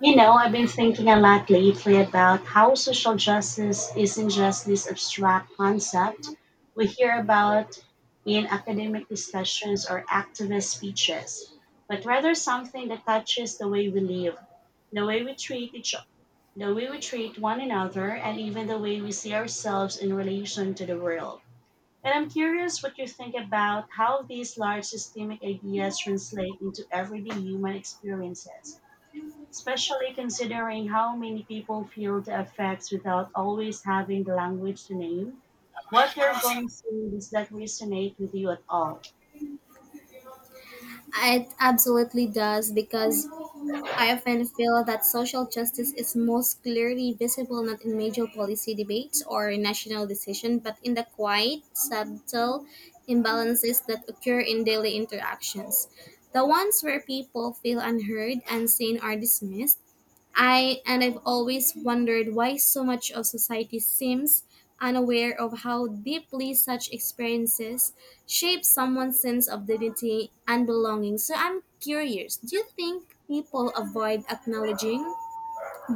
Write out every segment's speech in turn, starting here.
You know, I've been thinking a lot lately about how social justice isn't just this abstract concept we hear about in academic discussions or activist speeches, but rather something that touches the way we live, the way we treat each the way we treat one another, and even the way we see ourselves in relation to the world. And I'm curious what you think about how these large systemic ideas translate into everyday human experiences, especially considering how many people feel the effects without always having the language to name what they're going through. Does that resonate with you at all? It absolutely does because I often feel that social justice is most clearly visible not in major policy debates or national decision, but in the quiet, subtle imbalances that occur in daily interactions. The ones where people feel unheard, unseen, or dismissed. I and I've always wondered why so much of society seems unaware of how deeply such experiences shape someone's sense of dignity and belonging. So I'm curious, do you think people avoid acknowledging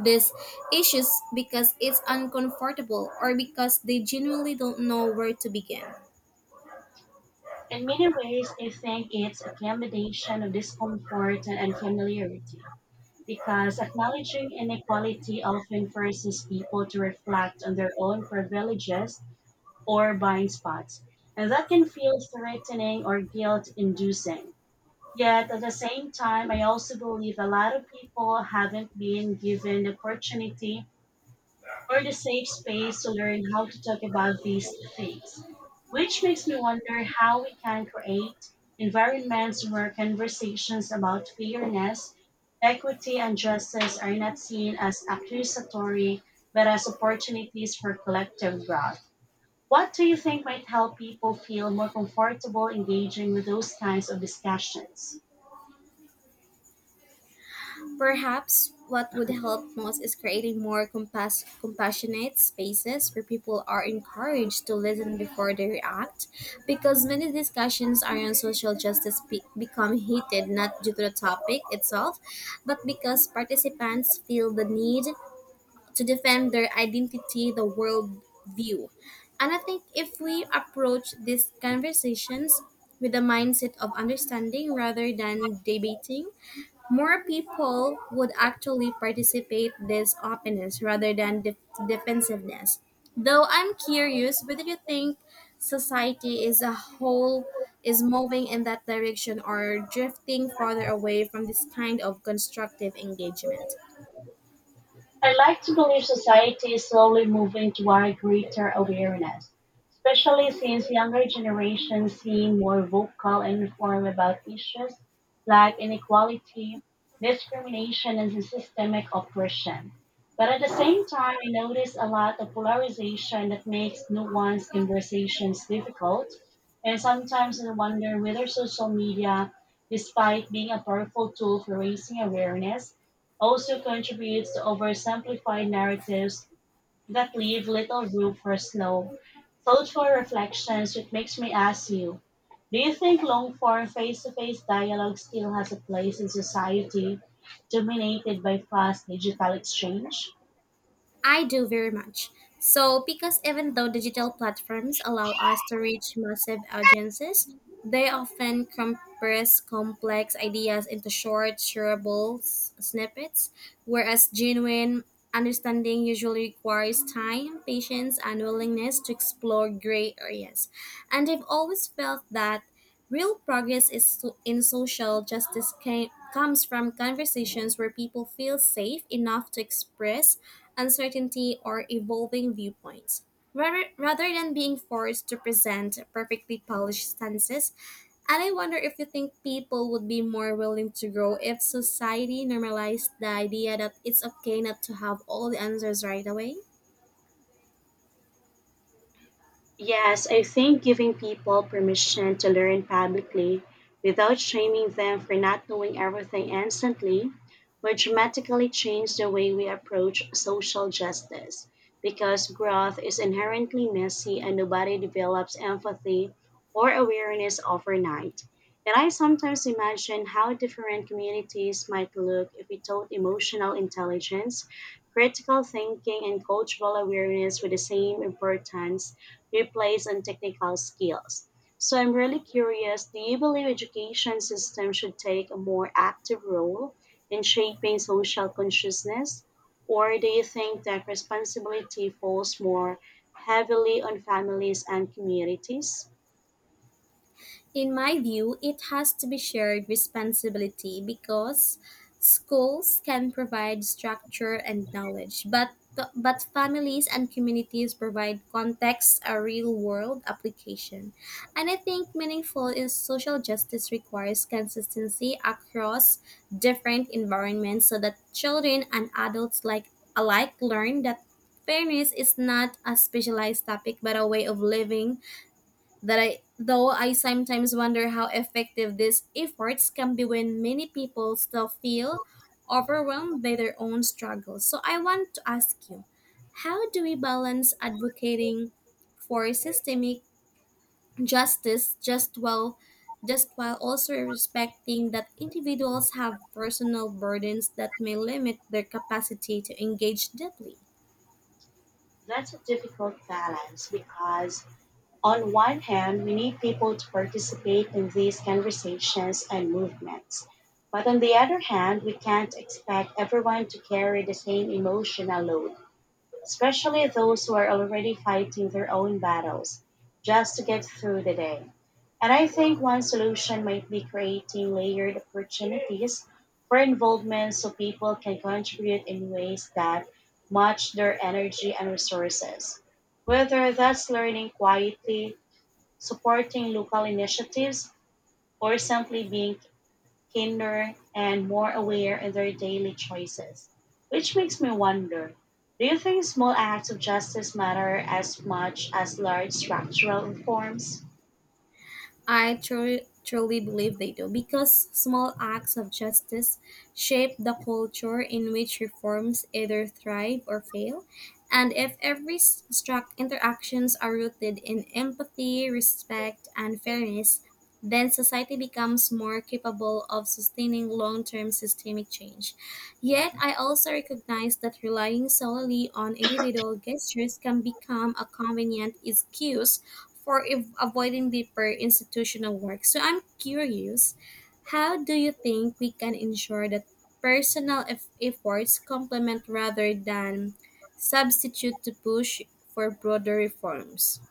these issues because it's uncomfortable or because they genuinely don't know where to begin? In many ways, I think it's a combination of discomfort and familiarity, because acknowledging inequality often forces people to reflect on their own privileges or blind spots, and that can feel threatening or guilt inducing. Yet at the same time, I also believe a lot of people haven't been given the opportunity or the safe space to learn how to talk about these things, which makes me wonder how we can create environments where conversations about fairness, equity, and justice are not seen as accusatory but as opportunities for collective growth. What do you think might help people feel more comfortable engaging with those kinds of discussions? Perhaps what would help most is creating more compassionate spaces where people are encouraged to listen before they react, because many discussions around social justice become heated not due to the topic itself, but because participants feel the need to defend their identity, the world view. And I think if we approach these conversations with the mindset of understanding rather than debating, more people would actually participate this openness rather than defensiveness. Though I'm curious, whether you think society as a whole is moving in that direction or drifting farther away from this kind of constructive engagement? I like to believe society is slowly moving toward greater awareness, especially since younger generations seem more vocal and informed about issues like inequality, discrimination, and systemic oppression. But at the same time, I notice a lot of polarization that makes nuanced conversations difficult. And sometimes I wonder whether social media, despite being a powerful tool for raising awareness, also contributes to oversimplified narratives that leave little room for slow, thoughtful reflections, which makes me ask you, do you think long form face to face dialogue still has a place in society dominated by fast digital exchange? I do very much. So, because even though digital platforms allow us to reach massive audiences, they often compress complex ideas into short, shareable snippets, whereas genuine understanding usually requires time, patience, and willingness to explore gray areas. And I've always felt that real progress is in social justice comes from conversations where people feel safe enough to express uncertainty or evolving viewpoints. Rather than being forced to present perfectly polished stances, and I wonder if you think people would be more willing to grow if society normalized the idea that it's okay not to have all the answers right away? Yes, I think giving people permission to learn publicly without shaming them for not knowing everything instantly would dramatically change the way we approach social justice, because growth is inherently messy and nobody develops empathy or awareness overnight. And I sometimes imagine how different communities might look if we taught emotional intelligence, critical thinking, and cultural awareness with the same importance replace on technical skills. So I'm really curious, do you believe education system should take a more active role in shaping social consciousness? Or do you think that responsibility falls more heavily on families and communities? In my view, it has to be shared responsibility because schools can provide structure and knowledge, but families and communities provide context, a real-world application. And I think meaningful is social justice requires consistency across different environments so that children and adults like alike learn that fairness is not a specialized topic but a way of living. That I though I sometimes wonder how effective these efforts can be when many people still feel overwhelmed by their own struggles. So I want to ask you, how do we balance advocating for systemic justice just while also respecting that individuals have personal burdens that may limit their capacity to engage deeply? That's a difficult balance, because on one hand, we need people to participate in these conversations and movements. But on the other hand, we can't expect everyone to carry the same emotional load, especially those who are already fighting their own battles just to get through the day. And I think one solution might be creating layered opportunities for involvement so people can contribute in ways that match their energy and resources, whether that's learning quietly, supporting local initiatives, or simply being kinder and more aware in their daily choices. Which makes me wonder, do you think small acts of justice matter as much as large structural reforms? I truly, truly believe they do because small acts of justice shape the culture in which reforms either thrive or fail. And if every struck interactions are rooted in empathy, respect, and fairness, then society becomes more capable of sustaining long term systemic change. Yet, I also recognize that relying solely on individual gestures can become a convenient excuse for avoiding deeper institutional work. So I'm curious, how do you think we can ensure that personal efforts complement rather than substitute to push for broader reforms?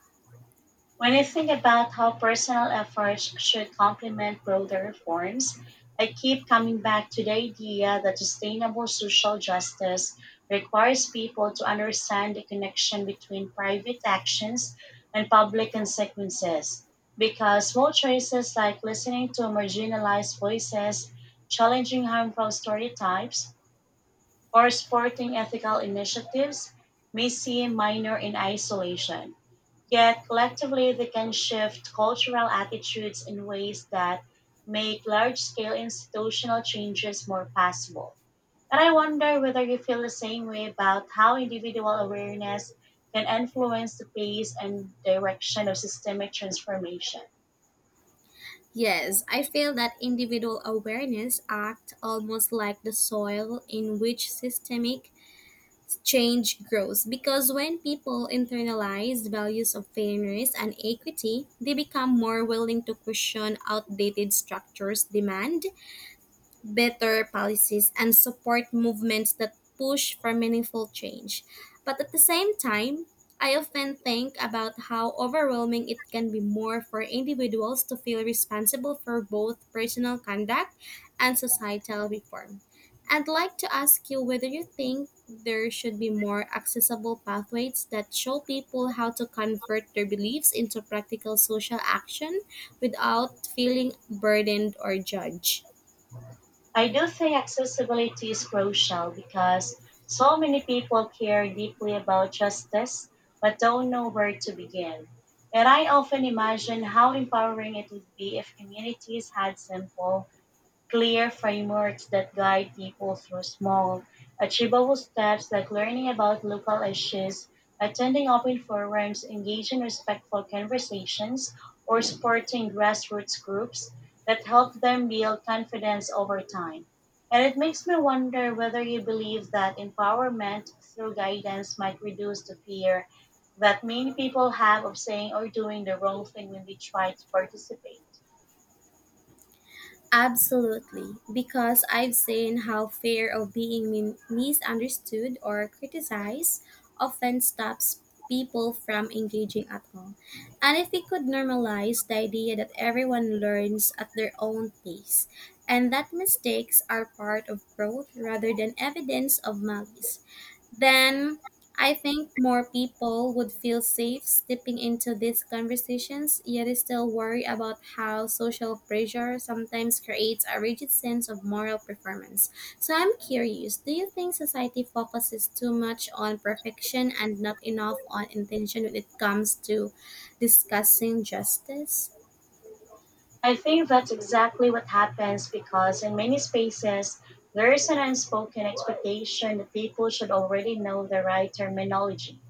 When I think about how personal efforts should complement broader reforms, I keep coming back to the idea that sustainable social justice requires people to understand the connection between private actions and public consequences. Because small choices like listening to marginalized voices, challenging harmful stereotypes, or supporting ethical initiatives may seem minor in isolation, yet collectively, they can shift cultural attitudes in ways that make large scale institutional changes more possible. And I wonder whether you feel the same way about how individual awareness can influence the pace and direction of systemic transformation. Yes, I feel that individual awareness act almost like the soil in which systemic change grows because when people internalize values of fairness and equity, they become more willing to question outdated structures' demand better policies and support movements that push for meaningful change. But at the same time, I often think about how overwhelming it can be more for individuals to feel responsible for both personal conduct and societal reform. I'd like to ask you whether you think there should be more accessible pathways that show people how to convert their beliefs into practical social action without feeling burdened or judged. I do think accessibility is crucial, because so many people care deeply about justice but don't know where to begin. And I often imagine how empowering it would be if communities had simple, clear frameworks that guide people through small, achievable steps, like learning about local issues, attending open forums, engaging in respectful conversations, or supporting grassroots groups that help them build confidence over time. And it makes me wonder whether you believe that empowerment through guidance might reduce the fear that many people have of saying or doing the wrong thing when they try to participate. Absolutely, because I've seen how fear of being misunderstood or criticized often stops people from engaging at all. And if we could normalize the idea that everyone learns at their own pace and that mistakes are part of growth rather than evidence of malice, then I think more people would feel safe stepping into these conversations, yet I still worry about how social pressure sometimes creates a rigid sense of moral performance. So I'm curious, do you think society focuses too much on perfection and not enough on intention when it comes to discussing justice? I think that's exactly what happens, because in many spaces, there is an unspoken expectation that people should already know the right terminology,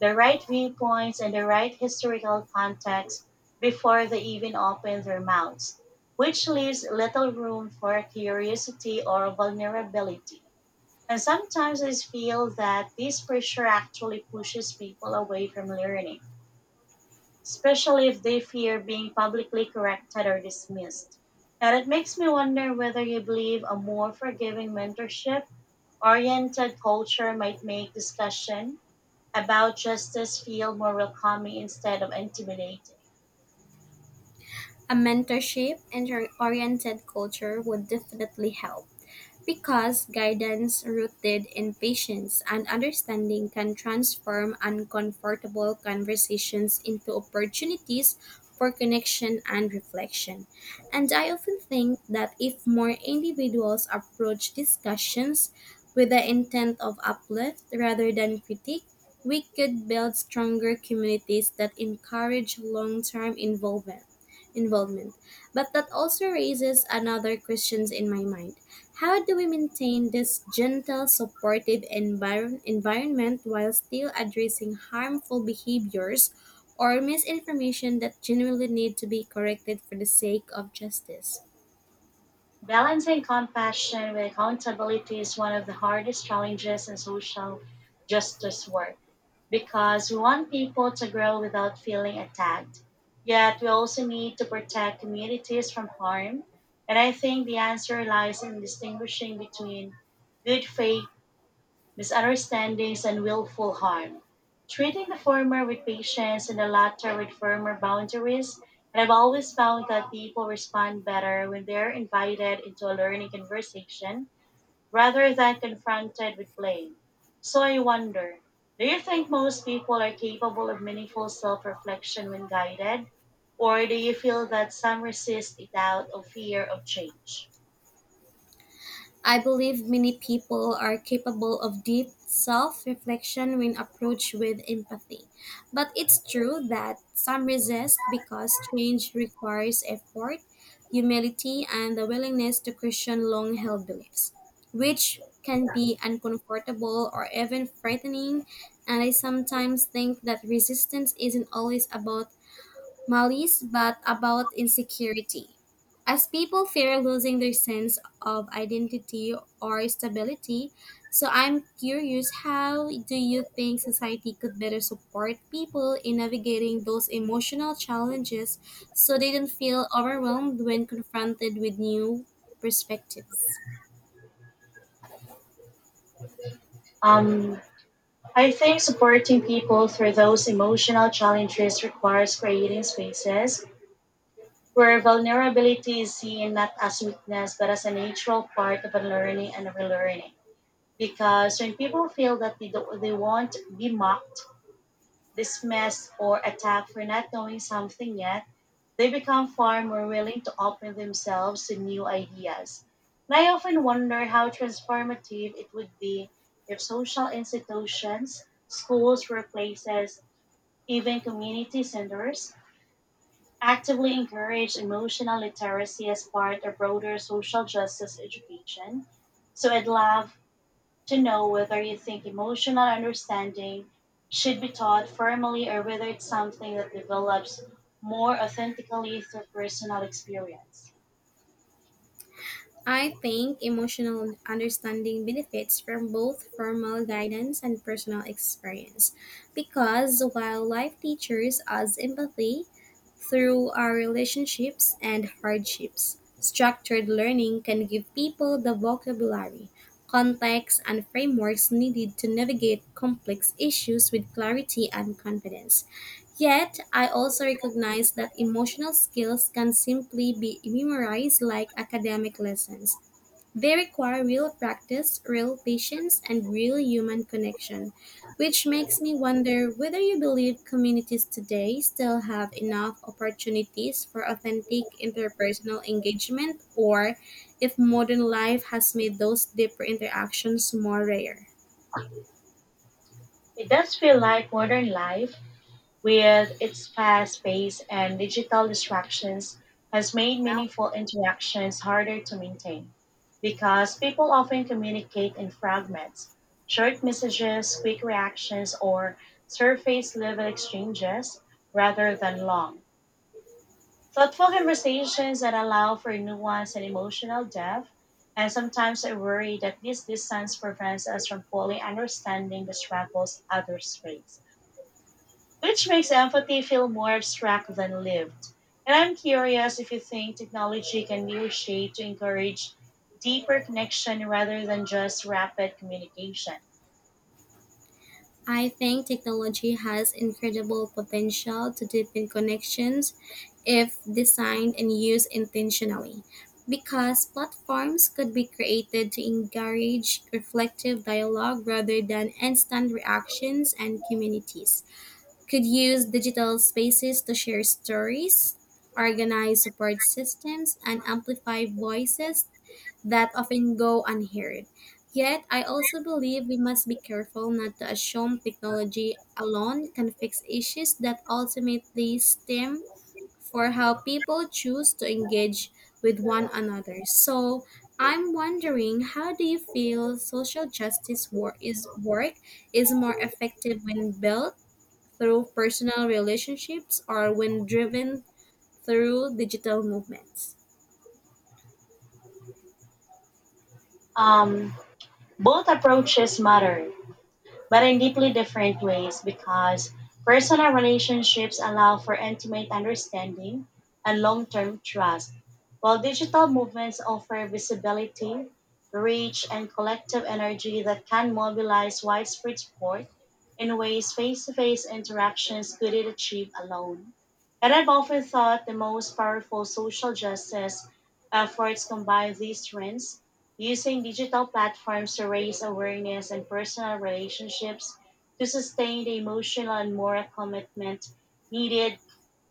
the right viewpoints, and the right historical context before they even open their mouths, which leaves little room for curiosity or vulnerability. And sometimes I feel that this pressure actually pushes people away from learning, especially if they fear being publicly corrected or dismissed. And it makes me wonder whether you believe a more forgiving, mentorship oriented culture might make discussion about justice feel more welcoming instead of intimidating. A mentorship and oriented culture would definitely help because guidance rooted in patience and understanding can transform uncomfortable conversations into opportunities for connection and reflection. And I often think that if more individuals approach discussions with the intent of uplift rather than critique, we could build stronger communities that encourage long term involvement. But that also raises another question in my mind. How do we maintain this gentle, supportive environment while still addressing harmful behaviors or misinformation that genuinely need to be corrected for the sake of justice? Balancing compassion with accountability is one of the hardest challenges in social justice work, because we want people to grow without feeling attacked. Yet, we also need to protect communities from harm. And I think the answer lies in distinguishing between good faith misunderstandings and willful harm, treating the former with patience and the latter with firmer boundaries. And I've always found that people respond better when they're invited into a learning conversation rather than confronted with blame. So I wonder, do you think most people are capable of meaningful self reflection when guided? Or do you feel that some resist it out of fear of change? I believe many people are capable of deep self reflection when approached with empathy. But it's true that some resist because change requires effort, humility, and the willingness to question long held beliefs, which can be uncomfortable or even frightening. And I sometimes think that resistance isn't always about malice, but about insecurity, as people fear losing their sense of identity or stability. So I'm curious, how do you think society could better support people in navigating those emotional challenges so they don't feel overwhelmed when confronted with new perspectives? Um, I think supporting people through those emotional challenges requires creating spaces where vulnerability is seen not as weakness but as a natural part of unlearning and relearning. Because when people feel that they won't be mocked, dismissed, or attacked for not knowing something yet, they become far more willing to open themselves to new ideas. And I often wonder how transformative it would be if social institutions, schools, workplaces, even community centers actively encourage emotional literacy as part of broader social justice education. So I'd love to know whether you think emotional understanding should be taught formally, or whether it's something that develops more authentically through personal experience. I think emotional understanding benefits from both formal guidance and personal experience because while life teaches us empathy through our relationships and hardships, structured learning can give people the vocabulary, context, and frameworks needed to navigate complex issues with clarity and confidence. Yet, I also recognize that emotional skills can simply be memorized like academic lessons. They require real practice, real patience, and real human connection, which makes me wonder whether you believe communities today still have enough opportunities for authentic interpersonal engagement or if modern life has made those deeper interactions more rare. It does feel like modern life, with its fast pace and digital distractions, has made meaningful interactions harder to maintain, because people often communicate in fragments, short messages, quick reactions, or surface level exchanges, rather than long, thoughtful conversations that allow for nuance and emotional depth. And sometimes I worry that this distance prevents us from fully understanding the struggles others face, which makes empathy feel more abstract than lived. And I'm curious if you think technology can be reshaped to encourage deeper connection rather than just rapid communication. I think technology has incredible potential to deepen connections if designed and used intentionally, because platforms could be created to encourage reflective dialogue rather than instant reactions, and communities could use digital spaces to share stories, organize support systems, and amplify voices that often go unheard. Yet, I also believe we must be careful not to assume technology alone can fix issues that ultimately stem for how people choose to engage with one another. So, I'm wondering, how do you feel social justice work is more effective when built through personal relationships or when driven through digital movements? Um, Both approaches matter, but in deeply different ways, because personal relationships allow for intimate understanding and long term trust, while digital movements offer visibility, reach, and collective energy that can mobilize widespread support in ways face to face interactions couldn't achieve alone. And I've often thought the most powerful social justice efforts combine these trends, using digital platforms to raise awareness and personal relationships to sustain the emotional and moral commitment needed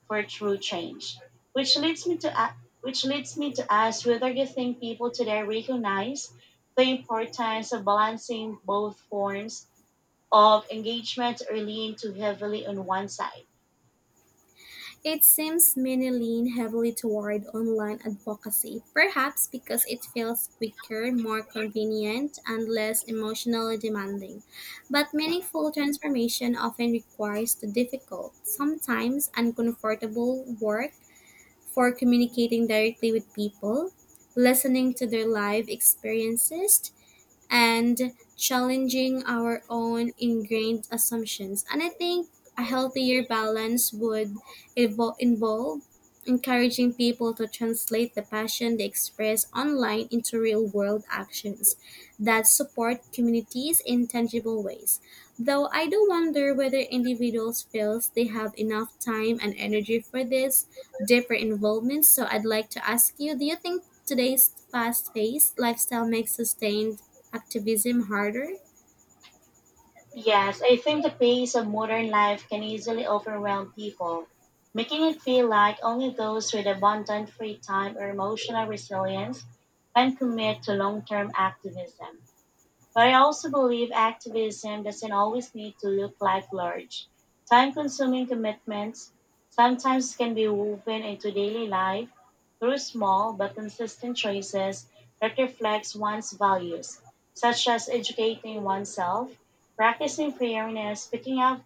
for true change. Which leads me to a- which leads me to ask whether you think people today recognize the importance of balancing both forms of engagement, or lean too heavily on one side. It seems many lean heavily toward online advocacy, perhaps because it feels quicker, more convenient, and less emotionally demanding. But meaningful transformation often requires the difficult, sometimes uncomfortable work for communicating directly with people, listening to their life experiences, and challenging our own ingrained assumptions. And I think a healthier balance would involve encouraging people to translate the passion they express online into real world actions that support communities in tangible ways. Though I do wonder whether individuals feel they have enough time and energy for this deeper involvement. So I'd like to ask you, do you think today's fast-paced lifestyle makes sustained activism harder? Yes, I think the pace of modern life can easily overwhelm people, making it feel like only those with abundant free time or emotional resilience can commit to long term activism. But I also believe activism doesn't always need to look like large, time consuming commitments. Sometimes can be woven into daily life through small but consistent choices that reflects one's values, such as educating oneself, practicing fairness, picking up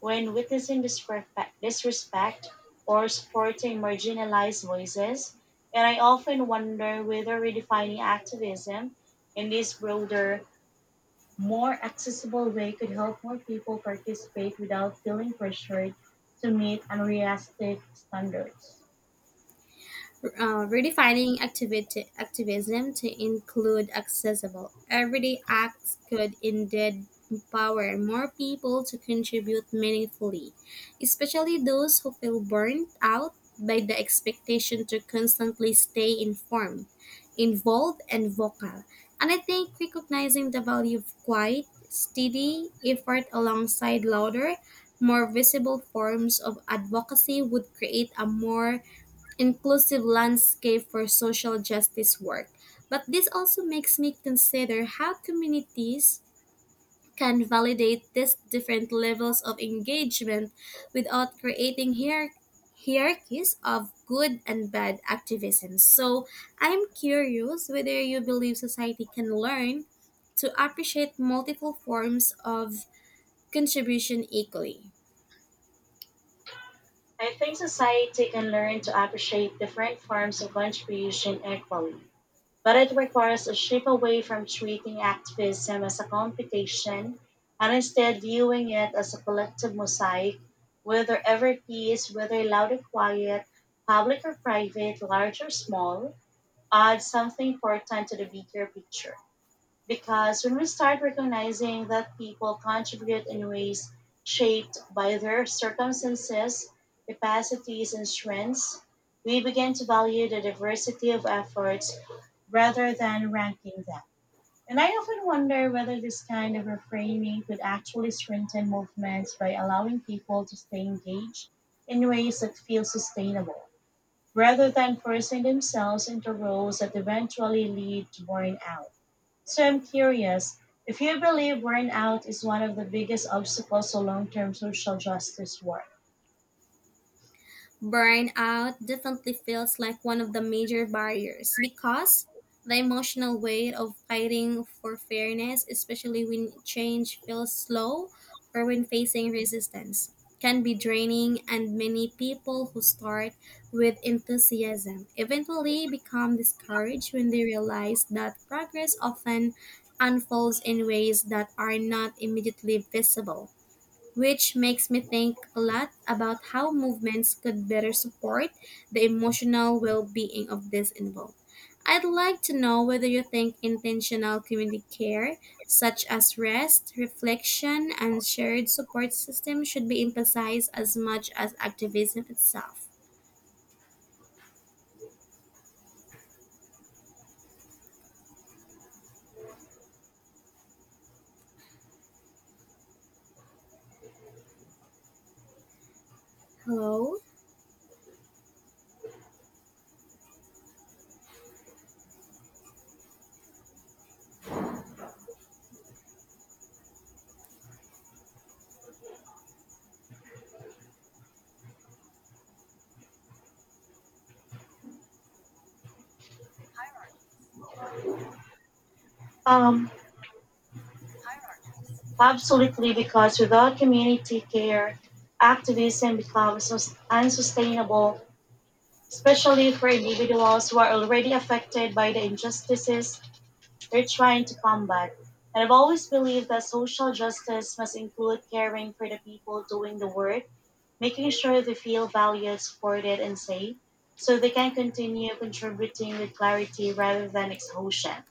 when witnessing disrespect, or supporting marginalized voices. And I often wonder whether redefining activism in this broader, more accessible way could help more people participate without feeling pressured to meet unrealistic standards. Redefining activity activism to include accessible everyday acts could indeed empower more people to contribute meaningfully, especially those who feel burnt out by the expectation to constantly stay informed, involved, and vocal. And I think recognizing the value of quiet, steady effort alongside louder, more visible forms of advocacy would create a more inclusive landscape for social justice work. But this also makes me consider how communities can validate these different levels of engagement without creating hierarchies of good and bad activism. So I'm curious whether you believe society can learn to appreciate multiple forms of contribution equally. I think society can learn to appreciate different forms of contribution equally, but it requires a shift away from treating activism as a competition and instead viewing it as a collective mosaic, whether every piece, whether loud or quiet, public or private, large or small, adds something important to the bigger picture. Because when we start recognizing that people contribute in ways shaped by their circumstances, capacities, and strengths, we begin to value the diversity of efforts rather than ranking them. And I often wonder whether this kind of reframing could actually strengthen movements by allowing people to stay engaged in ways that feel sustainable, rather than forcing themselves into roles that eventually lead to burnout. So I'm curious, if you believe burnout is one of the biggest obstacles to long term social justice work. Burnout definitely feels like one of the major barriers because the emotional weight of fighting for fairness, especially when change feels slow or when facing resistance, can be draining, and many people who start with enthusiasm eventually become discouraged when they realize that progress often unfolds in ways that are not immediately visible, which makes me think a lot about how movements could better support the emotional well being of these involved. I'd like to know whether you think intentional community care, such as rest, reflection, and shared support systems, should be emphasized as much as activism itself. Hello? Um, Absolutely, because without community care, activism becomes sus- unsustainable, especially for individuals who are already affected by the injustices they're trying to combat. And I've always believed that social justice must include caring for the people doing the work, making sure they feel valued, supported, and safe so they can continue contributing with clarity rather than exhaustion.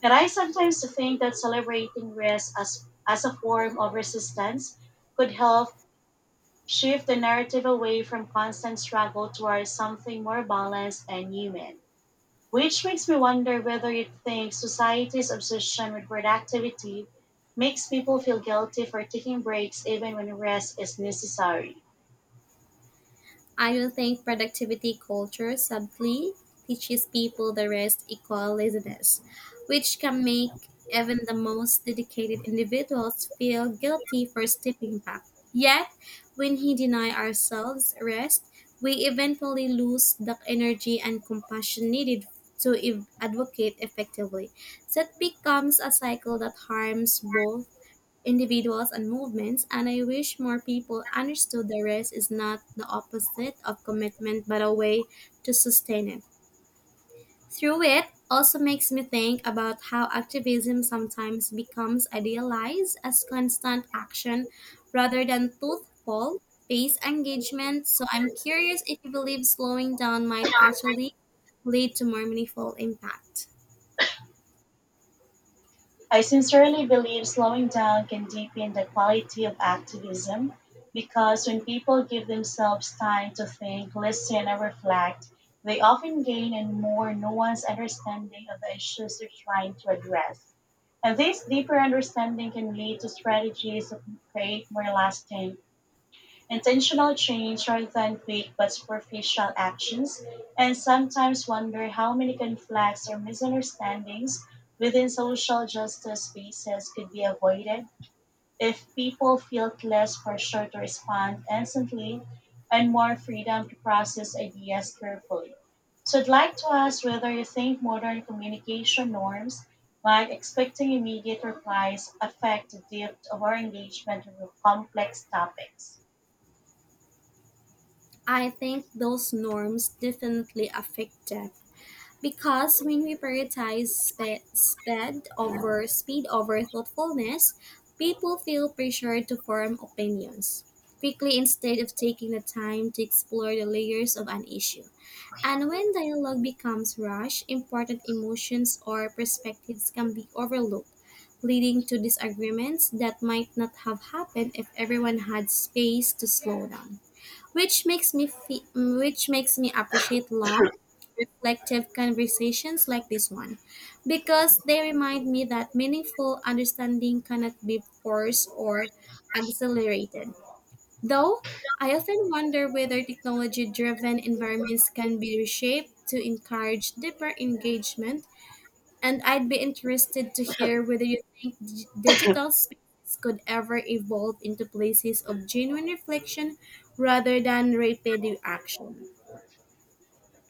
And I sometimes think that celebrating rest as a form of resistance could help shift the narrative away from constant struggle towards something more balanced and human. Which makes me wonder whether you think society's obsession with productivity makes people feel guilty for taking breaks even when rest is necessary. I don't think productivity culture subtly teaches people the rest equal laziness, which can make even the most dedicated individuals feel guilty for stepping back. Yet, when we deny ourselves rest, we eventually lose the energy and compassion needed to advocate effectively. That becomes a cycle that harms both individuals and movements, and I wish more people understood the rest is not the opposite of commitment but a way to sustain it. Through it also makes me think about how activism sometimes becomes idealized as constant action rather than truthful pace engagement. So I'm curious if you believe slowing down might actually lead to more meaningful impact. I sincerely believe slowing down can deepen the quality of activism, because when people give themselves time to think, listen, and reflect, they often gain a more nuanced understanding of the issues they're trying to address. And this deeper understanding can lead to strategies that create more lasting, intentional change rather than quick but superficial actions. And sometimes wonder how many conflicts or misunderstandings within social justice spaces could be avoided if people felt less pressure to respond instantly and more freedom to process ideas carefully. So, I'd like to ask whether you think modern communication norms, like expecting immediate replies, affect the depth of our engagement with complex topics. I think those norms definitely affect them, because when we prioritize spe- sped over speed over thoughtfulness, people feel pressured to form opinions quickly instead of taking the time to explore the layers of an issue. And when dialogue becomes rushed, important emotions or perspectives can be overlooked, leading to disagreements that might not have happened if everyone had space to slow down. Which makes me appreciate long reflective conversations like this one because they remind me that meaningful understanding cannot be forced or accelerated. Though I often wonder whether technology driven environments can be reshaped to encourage deeper engagement, and I'd be interested to hear whether you think digital spaces could ever evolve into places of genuine reflection rather than repetitive action.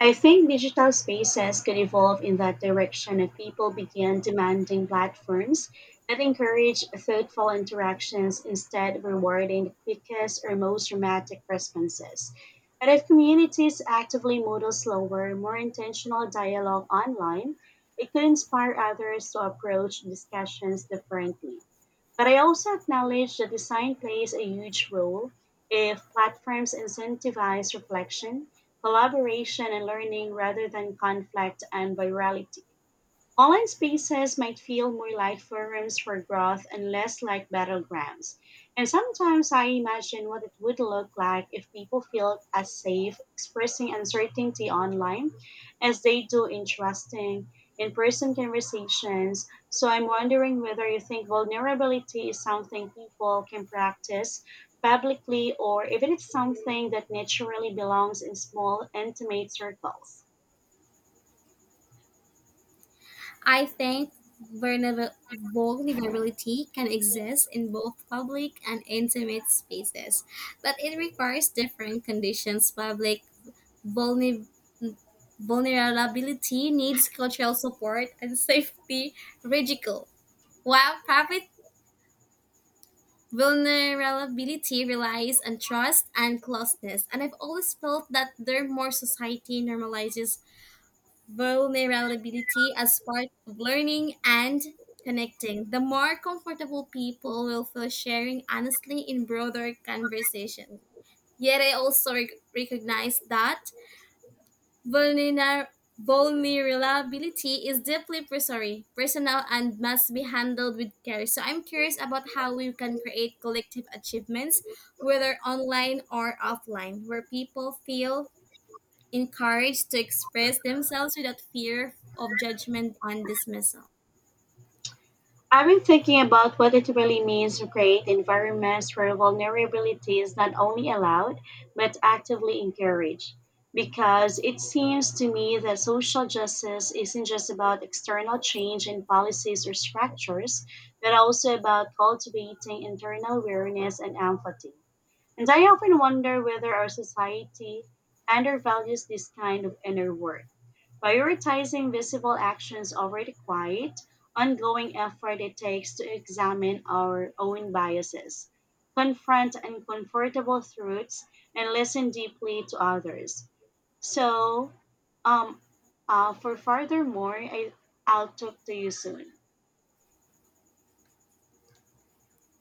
I think digital spaces could evolve in that direction if people began demanding platforms that encourage thoughtful interactions instead of rewarding the quickest or most dramatic responses. And if communities actively model slower, more intentional dialogue online, it could inspire others to approach discussions differently. But I also acknowledge that design plays a huge role. If platforms incentivize reflection, collaboration, and learning rather than conflict and virality, online spaces might feel more like forums for growth and less like battlegrounds. And sometimes I imagine what it would look like if people feel as safe expressing uncertainty online as they do interesting in person conversations. So I'm wondering whether you think vulnerability is something people can practice publicly, or if it's something that naturally belongs in small, intimate circles. I think vulnerability can exist in both public and intimate spaces, but it requires different conditions. Public vulner- vulnerability needs cultural support and safety ridicule, while private vulnerability relies on trust and closeness. And I've always felt that the more society normalizes vulnerability as part of learning and connecting, the more comfortable people will feel sharing honestly in broader conversation. Yet I also recognize that vulner- vulnerability is deeply personal and must be handled with care. So I'm curious about how we can create collective achievements, whether online or offline, where people feel encouraged to express themselves without fear of judgment and dismissal. I've been thinking about what it really means to create environments where vulnerability is not only allowed, but actively encouraged. Because it seems to me that social justice isn't just about external change in policies or structures, but also about cultivating internal awareness and empathy. And I often wonder whether our society undervalues this kind of inner work, prioritizing visible actions over the quiet, ongoing effort it takes to examine our own biases, confront uncomfortable truths, and listen deeply to others. So, um, for furthermore, I'll talk to you soon.